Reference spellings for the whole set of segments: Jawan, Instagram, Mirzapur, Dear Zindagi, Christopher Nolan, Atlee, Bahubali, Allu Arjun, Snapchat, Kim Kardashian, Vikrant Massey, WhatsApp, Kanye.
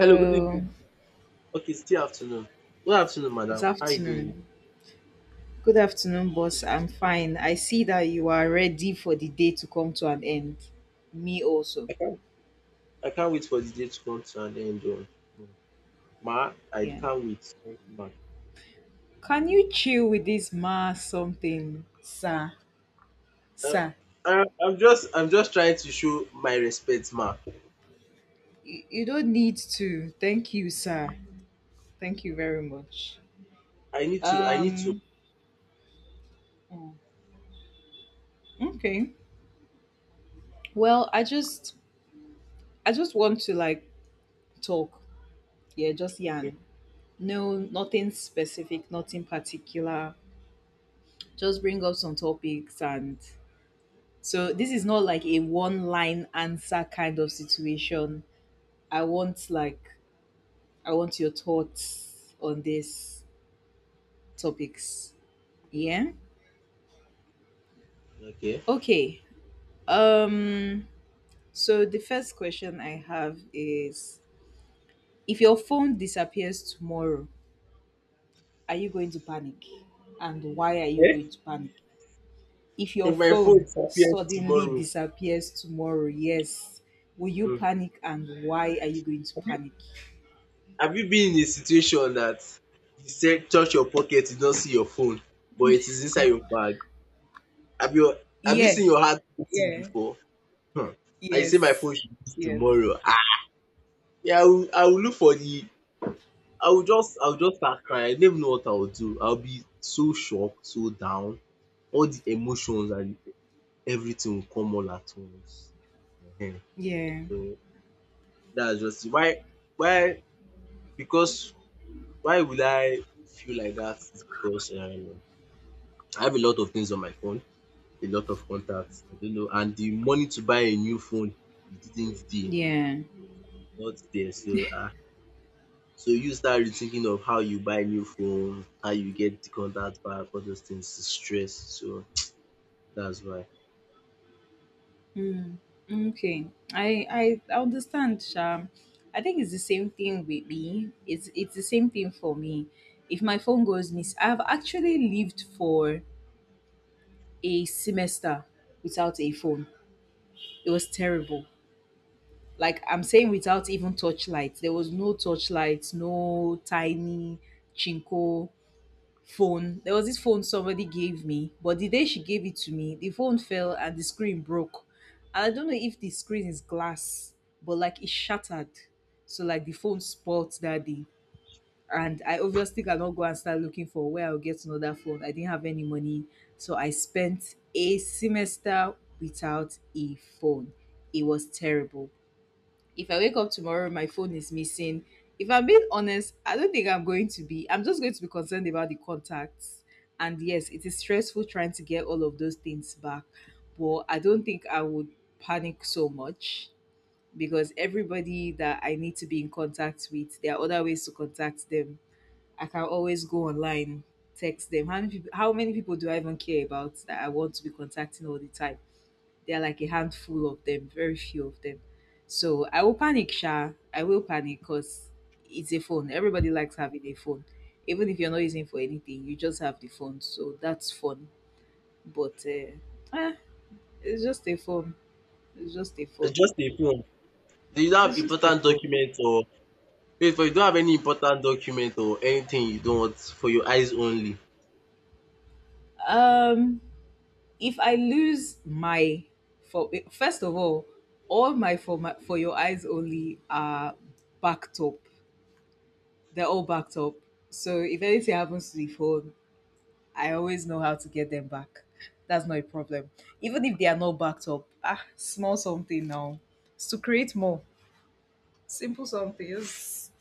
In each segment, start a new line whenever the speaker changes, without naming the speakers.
Hello, good evening. Okay, it's still afternoon. Good afternoon,
It's
madam. How are you doing?
afternoon. Good afternoon, boss. I'm fine. I see that you are ready for the day to come to an end. Me also.
I can't wait for the day to come to an end. Oh. Mm. Ma, I
Yeah.
can't wait. Thank you, ma.
Can you chill with this ma something, sir?
Uh,
Sir,
I'm just trying to show my respect, ma.
you don't need to. Thank you, sir. Thank you very much.
I need to.
Um mm, okay. Well, I just want to like talk. Yeah, just
Okay,
yarn. No, nothing specific, nothing particular, just bring up some topics. And so this is not like a one line answer kind of situation. I want like i want your thoughts on these topics. Yeah.
okay.
Okay. um so the first question I have is, if your phone disappears tomorrow, are you going to panic, and why are you
Eh?
going to panic? If your
If my phone
phone
disappears
suddenly
tomorrow,
disappears tomorrow, yes, will you
mm,
panic, and why are you going to
have you
panic?
have you been in a situation that you said touch your pocket, you don't see your phone, but it is inside your bag? Have you, have you
Yeah,
seen your heart beating
yeah,
before? Hmm. And say my
yes,
phone should be
yes,
tomorrow. Ah. Yeah, I will look for the. I will just start crying. I don't even know what I will do. I'll be so shocked, so down. All the emotions and everything will come all at once. Ehen.
yeah,
So that's just it. Why? Why? Because why will I feel like that? Is because I have a lot of things on my phone, a lot of contacts. I don't know, and the money to buy a new phone, it didn't there,
yeah.
not there. So so you start rethinking of how you buy new phone, how you get the contact back, all those things is stress. So that's why.
Mm, okay, I understand, Sham. I think it's the same thing with me. It's the same thing for me. If my phone goes miss, I've actually lived for a semester without a phone. It was terrible. Like I'm saying, without even touchlight. There was no touchlight, no tiny chinko phone. There was this phone somebody gave me, but the day she gave it to me, the phone fell and the screen broke. And I don't know if the screen is glass, but like it shattered. So like the phone spoiled that day. And I obviously cannot go and start looking for where I'll get another phone. I didn't have any money. So I spent a semester without a phone. It was terrible. If I wake up tomorrow, my phone is missing. If I'm being honest, I don't think I'm going to be. I'm just going to be concerned about the contacts. And yes, it is stressful trying to get all of those things back. But I don't think I would panic so much, because everybody that I need to be in contact with, there are other ways to contact them. I can always go online, text them. How many people do I even care about that I want to be contacting all the time? There are like a handful of them, very few of them. So I will panic, Sha. I will panic because it's a phone. Everybody likes having a phone. Even if you're not using it for anything, you just have the phone. So that's fun. But it's just a phone. It's just a
It's
phone.
just a phone. Do you don't have
It's just a
important
phone.
document or wait for you don't have any important document or anything you don't want for your eyes only.
Um, if I lose my for First of all, for your eyes only are backed up. They're all backed up. So if anything happens to the phone, I always know how to get them back. That's not a problem. Even if they are not backed up, small something now. It's to create more. Simple something. Just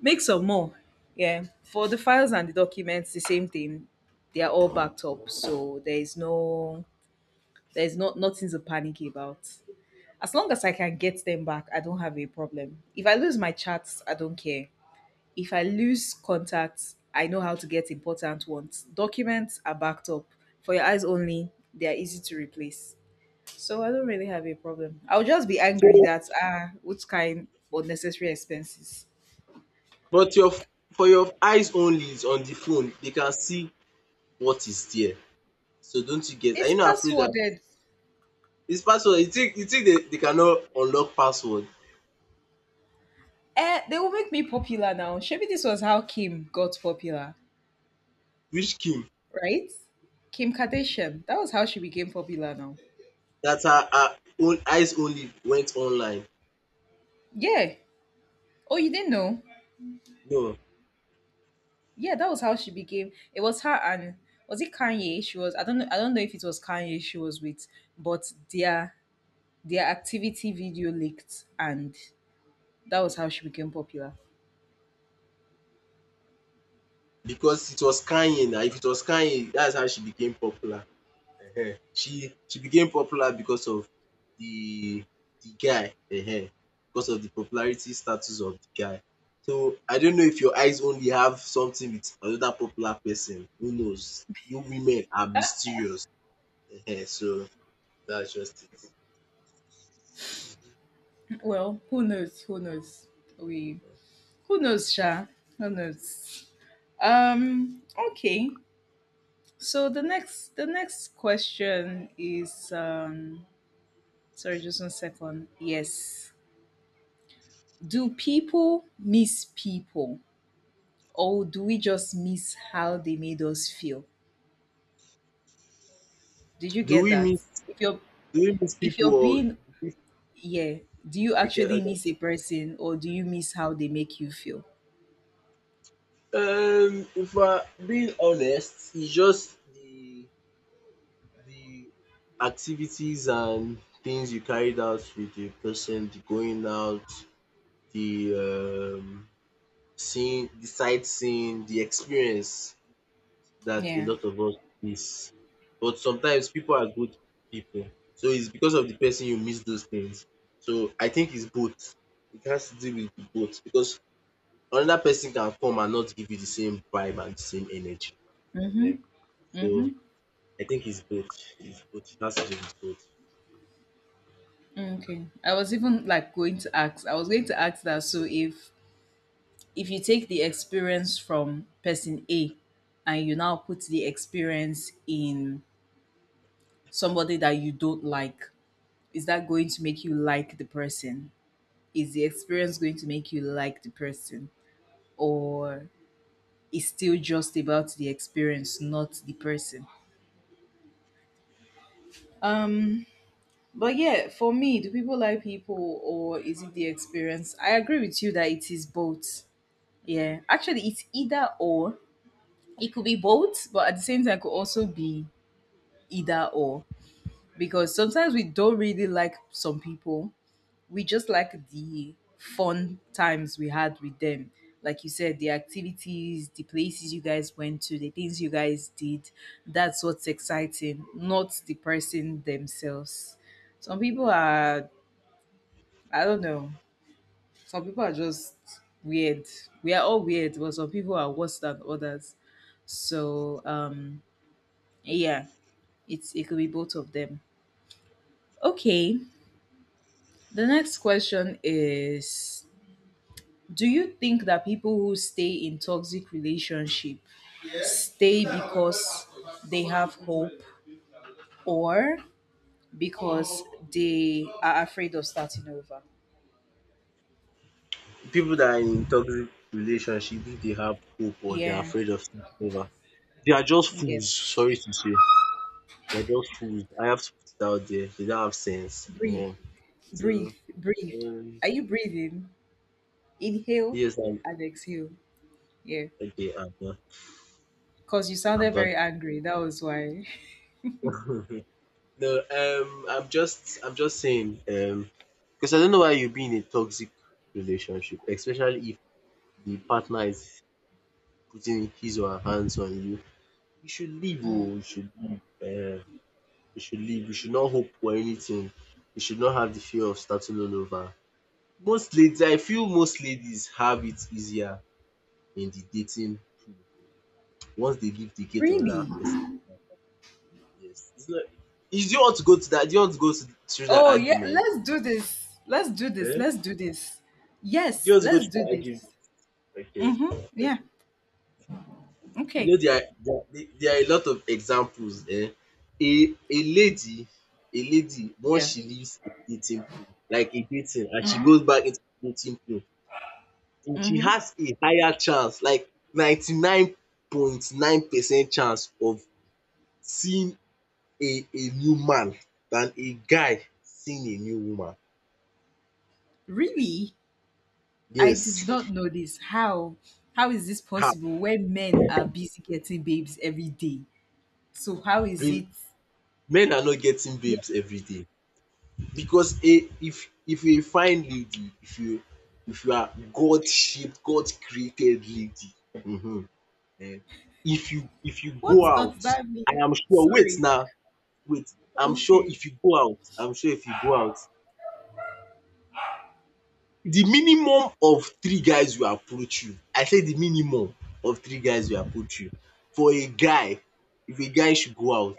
make some more. Yeah. For the files and the documents, the same thing. They are all backed up. So there is no there's not nothing to panic about. As long as I can get them back, I don't have a problem. If I lose my chats, I don't care. If I lose contacts, I know how to get important ones. Documents are backed up. For your eyes only, they are easy to replace. So I don't really have a problem. I'll just be angry
So
that what kind unnecessary expenses?
but your for your eyes only is on the phone, they can see what is there. So don't you get, are
It's
you not afraid that
passworded.
this password you think they, cannot unlock password?
Eh, they will make me popular now. Maybe this was how Kim got popular,
Which Kim?
right? Kim Kardashian. That was how she became popular now.
That her own eyes only went online.
Yeah. Oh, you didn't know?
No,
Yeah, that was how she became. It was her and, was it Kanye? She was. I don't know. I don't know if it was Kanye she was with, but their activity video leaked, and that was how she became popular.
because it was Kanye now. If it was Kanye, that's how she became popular. Ehen. She became popular because of the guy. Ehen. Because of the popularity status of the guy. So I don't know if your eyes only have something with another popular person. Who knows? You women are mysterious. Ehen. So that's just it.
Well, who knows? Who knows? We Who knows, Sha? Who knows? Um, okay. So the next question is. Sorry, just one second. Yes. Do people miss people, or do we just miss how they made us feel? Did you
Do
get
we
that?
miss
If you're
do we miss
if
people
you're
or
being yeah, do you
I get,
actually miss a person, or do you miss how they make you feel?
If we're being honest, it's just the the activities and things you carried out with the person, the going out, the seeing, the sightseeing, the experience that a
Yeah.
lot of us miss. But sometimes people are good people. So it's because of the person you miss those things. So I think it's both. It has to do with the both because another person can come and not give you the same vibe and the same energy. Ehen. So I think it's both. It's both. It has to do with
Okay. I was even like going to ask. I was going to ask that. So if you take the experience from person A, and you now put the experience in somebody that you don't like, is that going to make you like the person? Is the experience going to make you like the person, or is still just about the experience, not the person?
both.
Um, but yeah, for me, do people like people or is it the experience? I agree with you that it is both. Yeah, actually, it's either or. It could be both, but at the same time, it could also be either or, because sometimes we don't really like some people, we just like the fun times we had with them. Like you said, the activities, the places you guys went to, the things you guys did, that's what's exciting, not the person themselves. Some people are, I don't know, some people are just weird. We are all weird, but some people are worse than others. So, yeah, it could be both of them. Okay, the next question is, do you think that people who stay in toxic relationship stay because they have hope, or because they are afraid of starting over?
People that are in toxic relationships, if they have hope or they're
Yeah.
afraid of starting over, they are just fools.
Yes.
Sorry to say, they're just fools. I have to put it out there. They don't have sense.
Breathe,
Ehen. So,
breathe, breathe.
um,
Are you breathing? Inhale
yes, I'm
and exhale. Yeah.
okay. I'm done.
Because you
I'm
sounded
done.
very angry, that was why.
No, I'm just saying, because I don't know why you'd be in a toxic relationship, especially if the partner is putting his or her hands on you. You should leave. Or you should leave. We should live, we should not hope for anything, we should not have the fear of starting all over. Most ladies, I feel most ladies have it easier in the dating pool. Once they leave the gate,
Really?
another person. Yes. It's not, is do you want to go to that? Do you want to go to, through that
Oh, yeah,
argument?
let's do this, let's do this,
Eh?
let's do this.
Do you
Yes,
want to go
let's
through
do
that argument?
this.
Okay.
Mm-hmm.
Okay.
Yeah.
You know
Okay.
there are, there are a lot of examples. Eh? A a a lady once
Yeah.
she leaves a dating pool, like a dating, and she goes back into the dating pool, she
Mm-hmm.
has a higher chance, like 99.9% chance of seeing a new man than a guy seeing a new woman.
Really? I did
Yes,
not know this. How? How is this
ah
possible when men are busy getting babes every day? So how is
babe,
it?
men are not getting
Yeah.
babes everyday because a if you a fine lady, if you are God shaped, God created lady, if you go
What does
out,
that
I
mean?
am sure wait
Sorry.
now wait I'm sure
Okay.
if you go out The minimum of three guys will approach you. I said the minimum of three guys will approach you. For a guy, if a guy should go out,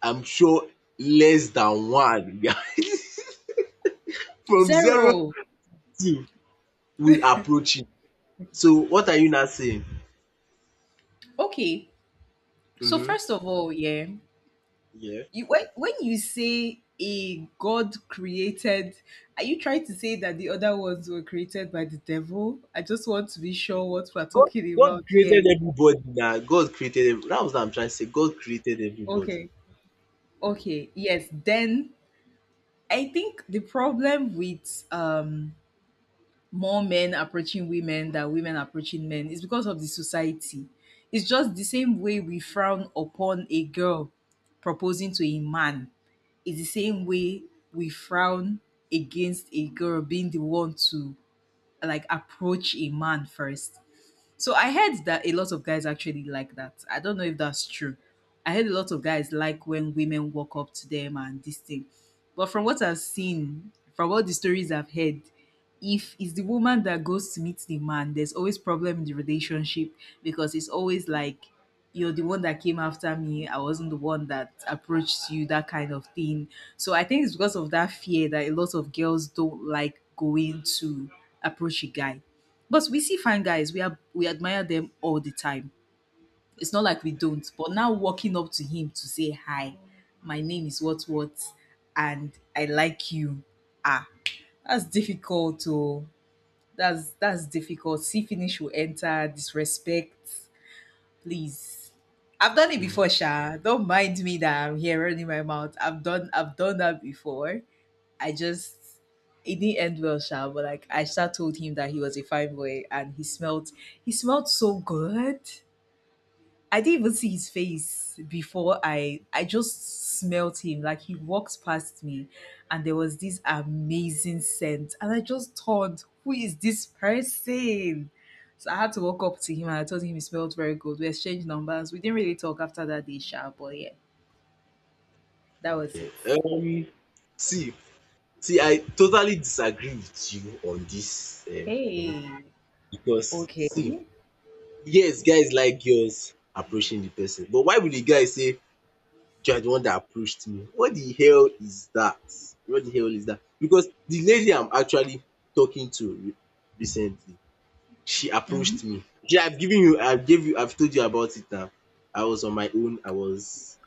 I'm sure less than one guy from zero
Zero.
to will approach him. So what are you now saying?
Okay. So
Mhm.
first of all, yeah,
Yeah.
you when you say a God created, are you trying to say that the other ones were created by the devil? I just want to be sure what we're
God
talking
God
about
created
here.
everybody na. God created every, that was what I'm trying to say. God created everybody.
Okay. Okay. Yes. Then I think the problem with more men approaching women than women approaching men is because of the society. It's just the same way we frown upon a girl proposing to a man. It's the same way we frown against a girl being the one to like approach a man first. So I heard that a lot of guys actually like that. I don't know if that's true. I heard a lot of guys like when women walk up to them and this thing. But from what I've seen, from all the stories I've heard, if it's the woman that goes to meet the man, there's always problem in the relationship, because it's always like, you're the one that came after me. I wasn't the one that approached you, that kind of thing. So I think it's because of that fear that a lot of girls don't like going to approach a guy, but we see fine guys, we admire them all the time. It's not like we don't. But now walking up to him to say hi, my name is what, and I like you. Ah, that's difficult. To that's difficult. See finish will enter disrespect. Please, I've done it before, Sha. Don't mind me that I'm here running my mouth. I've done that before. I just it didn't end well, Sha, but like, I Sha, told him that he was a fine boy and he smelled so good. I didn't even see his face before I just smelled him. Like he walks past me and there was this amazing scent. And I just thought, who is this person? So I had to walk up to him and I told him he smelled very good. We exchanged numbers. We didn't really talk after that day, Sha, but yeah, that was
Okay.
it.
See see I totally disagree with you on this, um
Hey.
because
Okay.
see, yes, guys like girls approaching the person, but why would the guy say you are the one that approached me? What the hell is that? What the hell is that? Because the lady I'm actually talking to recently, she approached
Mm-hmm.
me. Yeah, I've told you about it now. I was on my own.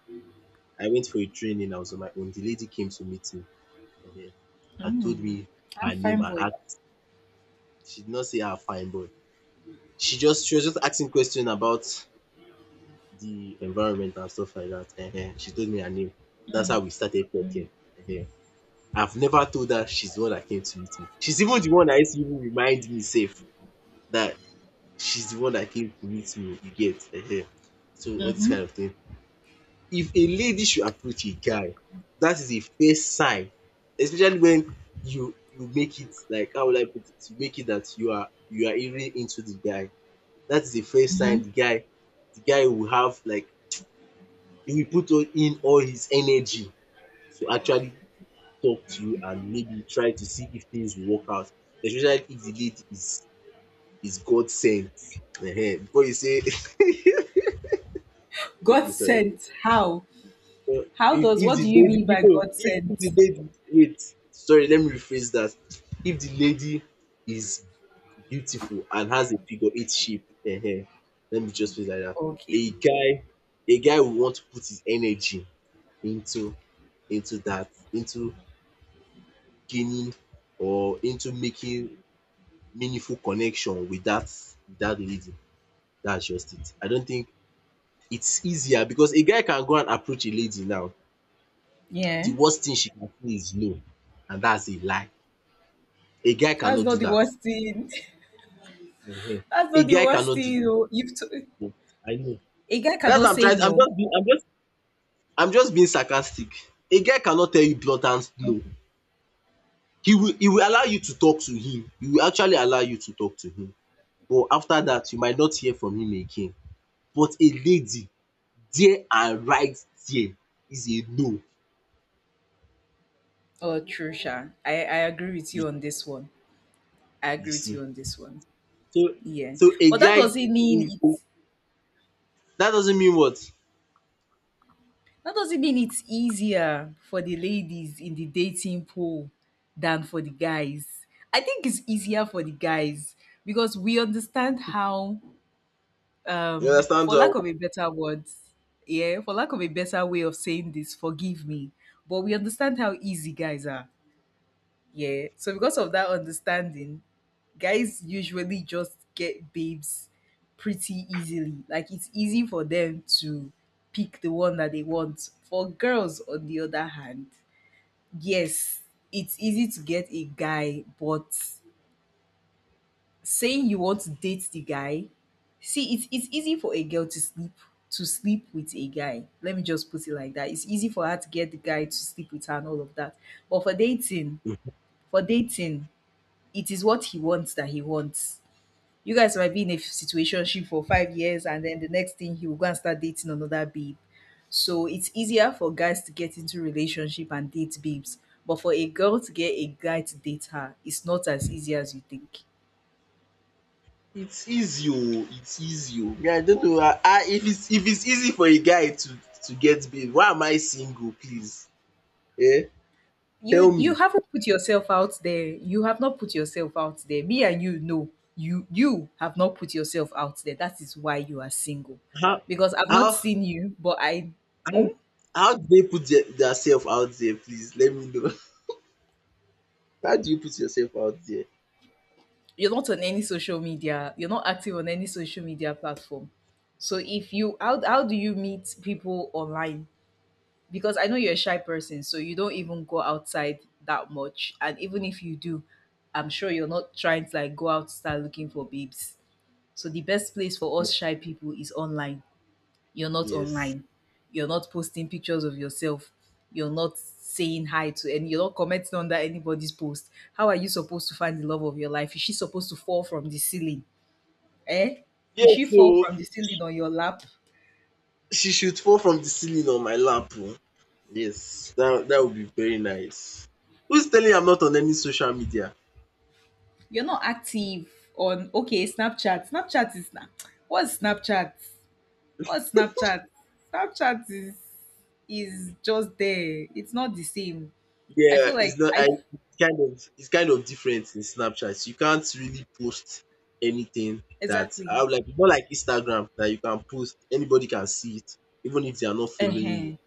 I went for a training. I was on my own. The lady came to meet me, eh, and told
Mm.
me
Ah,
her name
fine
and
boy.
asked. She did not say her fine boy. She was just asking question about the environment and stuff like that. She told me her name. That's how we started talking. uh I've never told her she's the one that came to meet me. She's even the one that used to even remind me safe that she's the one that came to meet me. You get? So all this
Mm-hmm.
kind of thing. If a lady should approach a guy, that is a first sign, especially when you make it, like how would I put it? You make it that you are really into the guy. That is the first sign, the guy will have, like he will put in all his energy to actually talk to you and maybe try to see if things will work out, especially if the lead is God sent, before you say
God
okay, sorry.
sent. How?
So
How does
if
What
the
do you
lady,
mean
if
by
oh
God
if the
sent?
lady, wait, sorry, let me rephrase that. If the lady is beautiful and has a figure eight shape, let me just put it like that. a
Okay.
guy a guy will want to put his energy into into gaining, or into making meaningful connection with that lady. That's just it. I don't think it's easier because a guy can go and approach a lady now.
Yeah.
The worst thing she can say is no, and that's a lie. A guy
That's
cannot
not
do
the
that.
worst thing.
Mhm.
That's
A
not the
guy
worst
cannot do
thing.
that.
Oh.
No, I know.
A guy
That's
cannot
what I'm
say
trying. I'm
no.
just being. I'm just. I'm just being sarcastic. A guy cannot tell you blatant no. He will allow you to talk to him. He will actually allow you to talk to him. But after that, you might not hear from him again. But a lady there, and right there is a no,
Oh, true, Sha. I agree with
you
you on this one. I
you
agree with you
see.
on this one.
So
Yeah.
a
But that
guy,
doesn't mean
mm, mm,
it's
that doesn't mean what?
that doesn't mean it's easier for the ladies in the dating pool than for the guys. I think it's easier for the guys because we understand how
You understand?
for lack of a better word, yeah, for lack of a better way of saying this, forgive me, but we understand how easy guys are. Yeah, so because of that understanding, guys usually just get babes pretty easily, like it's easy for them to pick the one that they want. For girls, on the other hand, yes, it's easy to get a guy, but saying you want to date the guy, see, it's easy for a girl to sleep with a guy. Let me just put it like that. It's easy for her to get the guy to sleep with her and all of that. But for dating, it is what he wants that he wants. You guys might be in a situationship for 5 years, and then the next thing, he will go and start dating another babe. So it's easier for guys to get into relationship and date babes. But for a girl to get a guy to date her, it's not as easy as you think.
It's easy oo, it's easy oo. Me, I don't know how, if it's, easy for a guy to get babe, why am I single please? Eh, tell
You
me.
haven't put yourself out there. You have not put yourself out there. Me and you know you have not put yourself out there. That is why you are single.
How
Because I've not
how
seen you, but
how
mm,
how do they put their self out there, please let me know. How do you put yourself out there?
you're not on any social media. You're not active on any social media platform. So if how do you meet people online? Because I know you're a shy person, so you don't even go outside that much. And even if you do, I'm sure you're not trying to, like, go out start looking for babes. So the best place for us shy people is online. You're not
Yes.
online. You're not posting pictures of yourself. You're not saying hi to any. You're not commenting under anybody's post. How are you supposed to find the love of your life? Is she supposed to fall from the ceiling? Eh? Will
Yes
she fall
oo.
from the ceiling on your lap?
She should fall from the ceiling on my lap oh. Yes, that would be very nice. Who's telling you I'm not on any social media?
You're not active on, okay, Snapchat. Snapchat is na, what's Snapchat? What's Snapchat? Snapchat is just there. It's not the same. I
Yeah,
feel like
it's not I
I.
it's kind of, different in Snapchat. You can't really post anything that I
Exactly.
would like, it's not like Instagram that you can post, anybody can see it, even if they are not following you.
Ehen,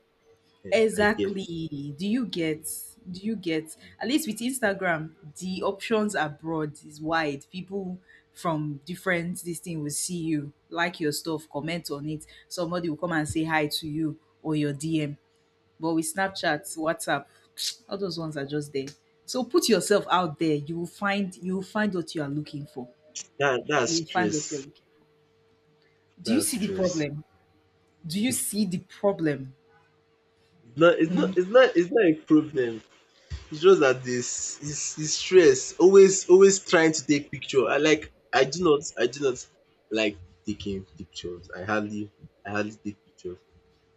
Yeah, I get.
exactly. Do you get? Do you get? At least with Instagram, the options abroad is wide. People from different this thing will see you, like your stuff, comment on it. Somebody will come and say hi to you or your DM. But with Snapchat, WhatsApp, all those ones are just there. So put yourself out there. You will find what you are looking for.
That's
You will find what you're
stress.
looking. Do you
That's
see the
stress.
problem? Do you see the problem?
No, it's not a problem. It's just that this his stress, always trying to take picture. I do not, like taking pictures. I hardly take pictures.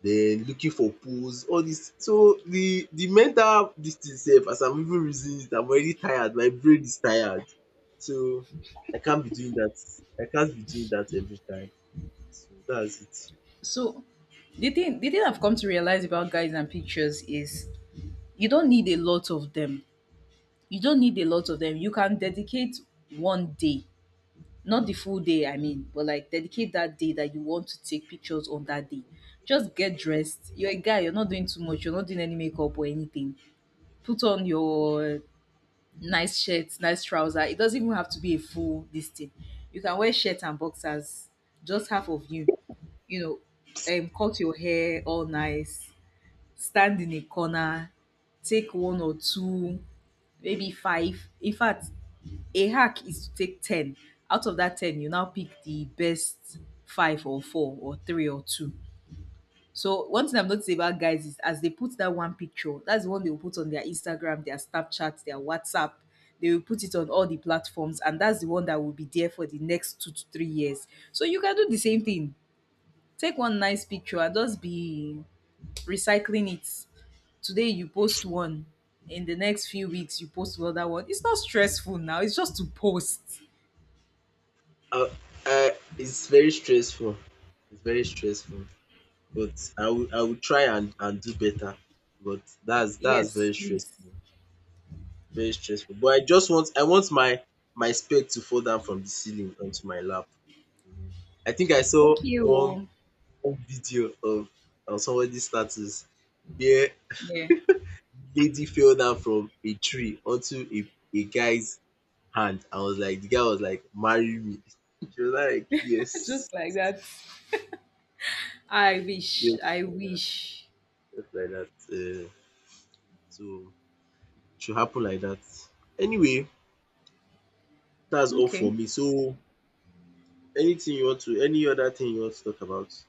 Then looking for pose all this. So the mental this thing sef, as I'm even reasoning it, I'm already tired, my brain is tired. So I can't be doing that. I can't be doing that every time. So that's it.
So the thing I've come to realize about guys and pictures is you don't need a lot of them. You don't need a lot of them. You can dedicate one day, not the full day, I mean, but like dedicate that day that you want to take pictures on that day. Just get dressed. You're a guy, you're not doing too much, you're not doing any makeup or anything. Put on your nice shirt, nice trouser. It doesn't even have to be a full this thing. You can wear shirt and boxers, just half of you. You know, cut your hair all nice, stand in a corner, take one or two, maybe five. In fact, a hack is to take 10. Out of that 10, you now pick the best five or four or three or two. So one thing I've noticed about guys is as they put that one picture, that's the one they will put on their Instagram, their Snapchat, their WhatsApp. They will put it on all the platforms, and that's the one that will be there for the next 2 to 3 years. So you can do the same thing. Take one nice picture and just be recycling it. Today you post one, in the next few weeks you post another one. It's not stressful now. It's just to post.
I I It's very stressful. It's very stressful. But I will try and do better. But that's
Yes,
very
please.
stressful, very stressful. But I want my spec to fall down from the ceiling onto my lap. Mhm. I think I saw
Okay. Oh.
one video of somebody's status where
Yeah.
lady fell down from a tree onto a guy's hand. I was like, the guy was like, marry me. She was like, yes,
Just like that. I wish.
yes,
I
like that,
wish.
just like that. So should happen like that. Anyway, that's all for
Okay.
me. So, any other thing you want to talk about?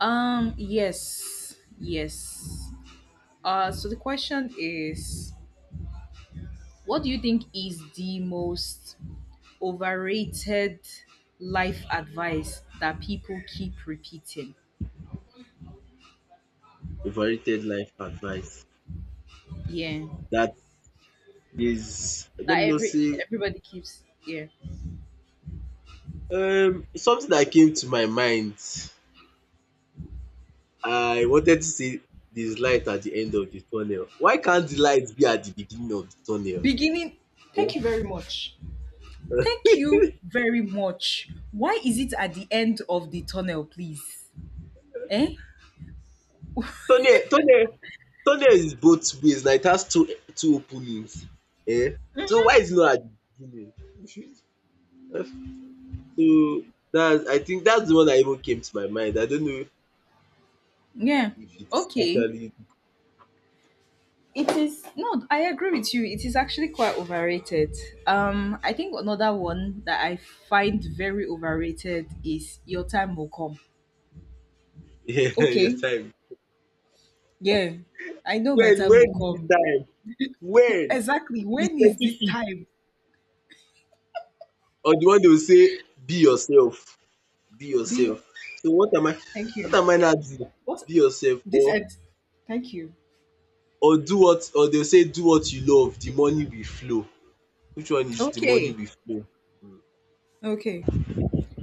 Yes. Yes. So the question is, what do you think is the most overrated life advice that people keep repeating?
Overrated life advice
Yeah.
that is, let
That
me not
every
say,
everybody keeps, yeah.
something that came to my mind. I wanted to say there's light at the end of the tunnel. Why can't the light be at the beginning of the tunnel?
Beginning. Thank
Or-
you very much. Thank you very much. Why is it at the end of the tunnel, please? Eh?
Tunnel, tunnel, tunnel is both ways. Like it has two openings. Eh? So why is it not at the beginning? So, that's I think that's the one that even came to my mind. I don't know
Yeah.
if it's
Okay.
actually
It is, no, I agree with you. It is actually quite overrated. I think another one that I find very overrated is your time will come.
your
Okay,
time.
yeah, I know my time will
When is the
come.
time? When?
Exactly.
Be
When is this
specific.
time?
Or the one they will say, "Be yourself, be
Be.
yourself." So
Thank you.
what am I now doing?
What?
Be yourself,
This
or
end? Thank you.
or do what, or they'll say, "Do what you love, the money will flow." Which one is the money
Okay,
will flow?
okay.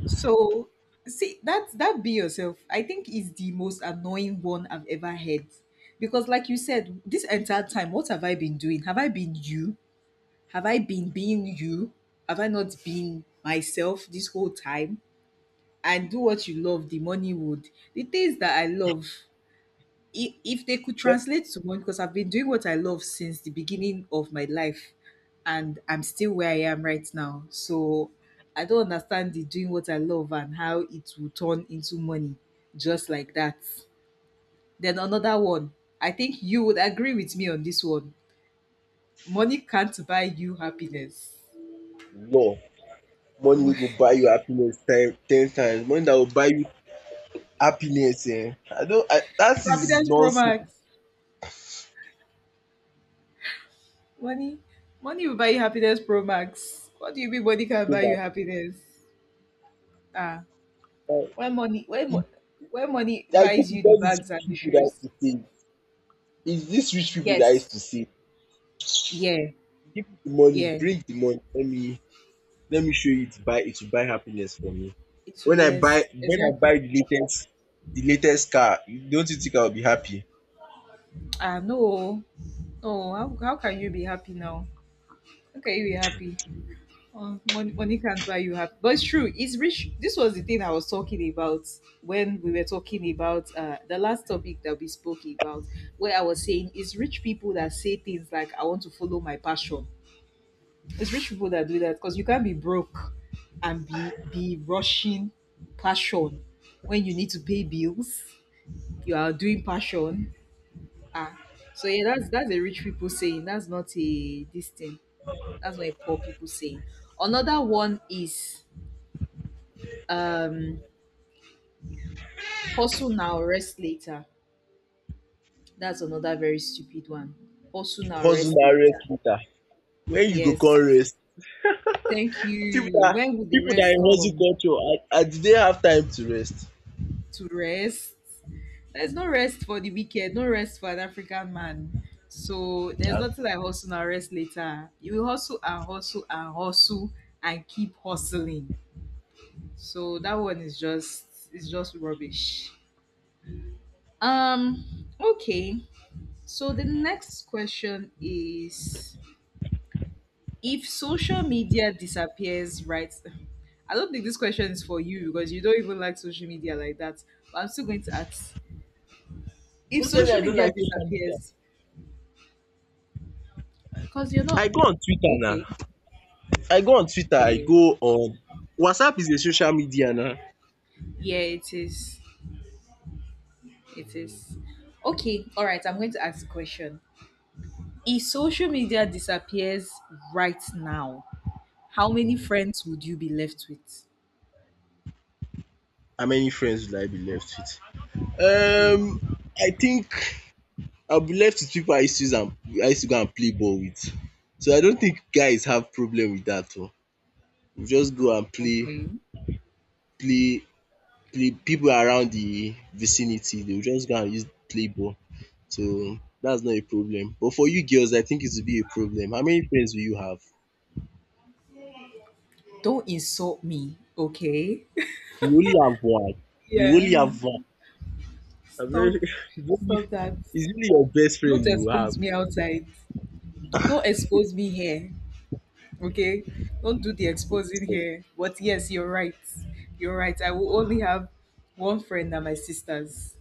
So see that be yourself, I think, is the most annoying one I've ever heard. Because like you said, this entire time, what have I been doing? Have I been you? Have I been being you? Have I not been myself this whole time? And do what you love, the money would. The things that I love, if they could
Yep.
translate to money, because I've been doing what I love since the beginning of my life, and I'm still where I am right now. So I don't understand the doing what I love and how it will turn into money just like that. Then another one, I think you would agree with me on this one. Money can't buy you happiness.
Law. Money
Mo-
wey go buy you happiness time 10 times. Money that will buy you happiness eh? I don't. I that is
Happiness Pro
nonsense
Max. Money, money will buy you happiness Pro Max. What do you mean money can buy you
so
happiness? Ah.
bad.
When money, when, mo- when money
I think
buys you
it's
the
all these
bags
rich
and the
people that used
shoes.
to save, it's these rich people that used
Yes.
to say,
Yeah.
give me the money,
Yeah.
bring the money, let me show you, it buy it to buy happiness for me.
It will, yes.
When I
Exactly.
buy the latest car, don't you think I will be happy?
Ah, no. No. How can you be happy now? How can you be happy? Oh, money can't buy you happy. But it's true. It's rich. This was the thing I was talking about when we were talking about the last topic that we spoke about, where I was saying it's rich people that say things like, I want to follow my passion. It's rich people that do that because you can't be broke and be rushing passion when you need to pay bills. You are doing passion. Ah, so yeah, that's a rich people saying. That's not a this thing. That's not a poor people saying. Another one is um hustle now, rest later. That's another very stupid one. Hustle now,
Hustle
rest
na rest
later.
later. When you go
Yes.
come rest?
Thank
Pipu
you.
dat
When will the
Pipu dat
rest
in hustle
come?
culture, and do they have time to rest?
To rest. There's no rest for the wicked, no rest for an African man. So there's nothing like hustle and rest later. You will hustle and hustle and hustle and keep hustling. So that one is just rubbish. Um okay. So the next question is, if social media disappears, right? I don't think this question is for you because you don't even like social media like that. But I'm still going to ask if
Most times
social
I don't
media
like social media.
disappears because you're not.
I go on Twitter now.
Okay.
I go on Twitter, I
Eh?
go on WhatsApp is a social media now.
Yeah, it is. It is. Okay, all right. I'm going to ask a question. If social media disappears right now, how many friends would you be left with?
How many friends will I be left with?
Yeah.
I think I'll be left with people I used to use and I used to go and play ball with. So I don't think guys have problem with that one. We just go and play,
Okay.
play, play. People around the vicinity, they will just go and use play ball. So that's not a problem. But for you girls, I think it will be a problem. How many friends will you have?
Don't insult me. Okay.
You only have one. You only
Yeah.
have one. A
Stop.
very what do you-
Stop that.
it's really your best
Don't
friend you have.
expose me outside. Don't expose me here. Okay. Don't do the exposing
So,
here. But yes, you're right. You're right. I will only have one friend and my sisters,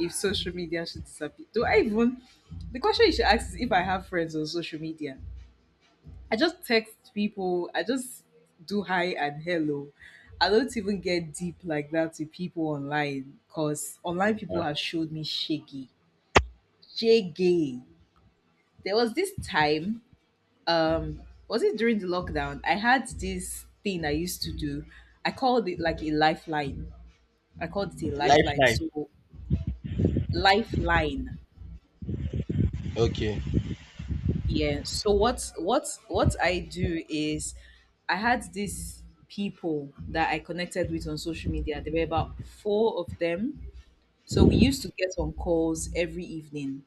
if social media should disappear. Do I even? The question you should ask is if I have friends on social media. I just text people. I just do hi and hello. I don't even get deep like that with people online because online people
yeah.
have showed me shaggy. Shaggy. There was this time, um, was it during the lockdown? I had this thing I used to do. I called it like a lifeline. I called it a lifeline.
Lifeline.
So, lifeline.
Okay.
Yeah. So what I do is I had these people that I connected with on social media. There were about four of them. So we used to get on calls every evening.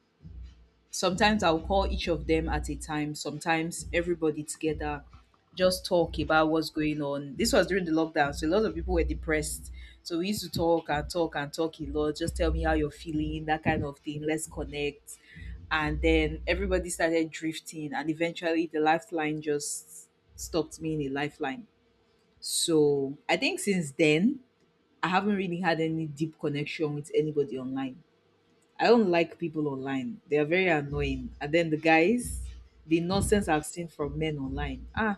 Sometimes I'll call each of them at a time, sometimes everybody together, just talk about what's going on. This was during the lockdown, so a lot of people were depressed. So we used to talk and talk and talk a lot. Just tell me how you're feeling, that kind of thing. Let's connect. And then everybody started drifting, and eventually the lifeline just stopped me in a lifeline. So I think since then, I haven't really had any deep connection with anybody online. I don't like people online. They are very annoying. And then the guys, the nonsense I've seen from men online. Ah,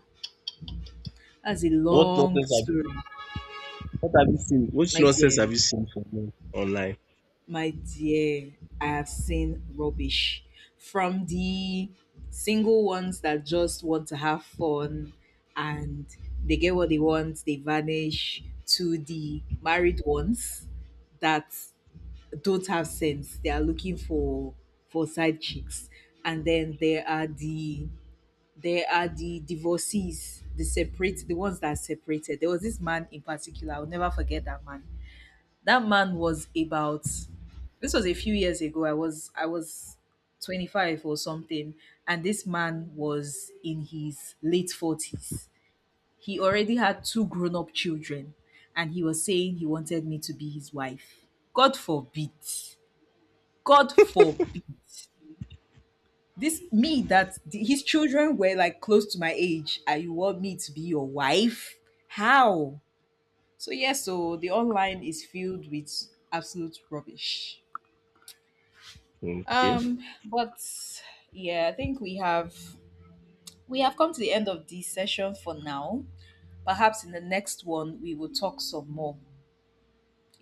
that's a
What
long
nonsense
story.
have what have you seen? Which
My
nonsense have
dear,
you seen from me online?
my dear, I have seen rubbish from the single ones that just want to have fun, and they get what they want, they vanish, to the married ones that don't have sense. They are looking for side chicks, and then there are the divorcees, the separate, the ones that are separated. There was this man in particular. I'll never forget that man. That man was about. This was a few years ago. I was 25 or something, and this man was in his late 40s. He already had two grown up children, and he was saying he wanted me to be his wife. God forbid. God forbid this me that his children were like close to my age, and you want me to be your wife. How? So yes, so the online is filled with absolute rubbish,
Okay.
um but yeah, I think we have come to the end of this session for now. Perhaps in the next one, we will talk some more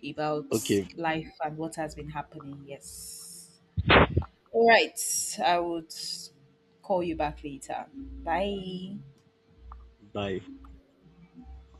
about
Okay.
life and what has been happening. Yes, all right, I would call you back later. Bye.
Bye.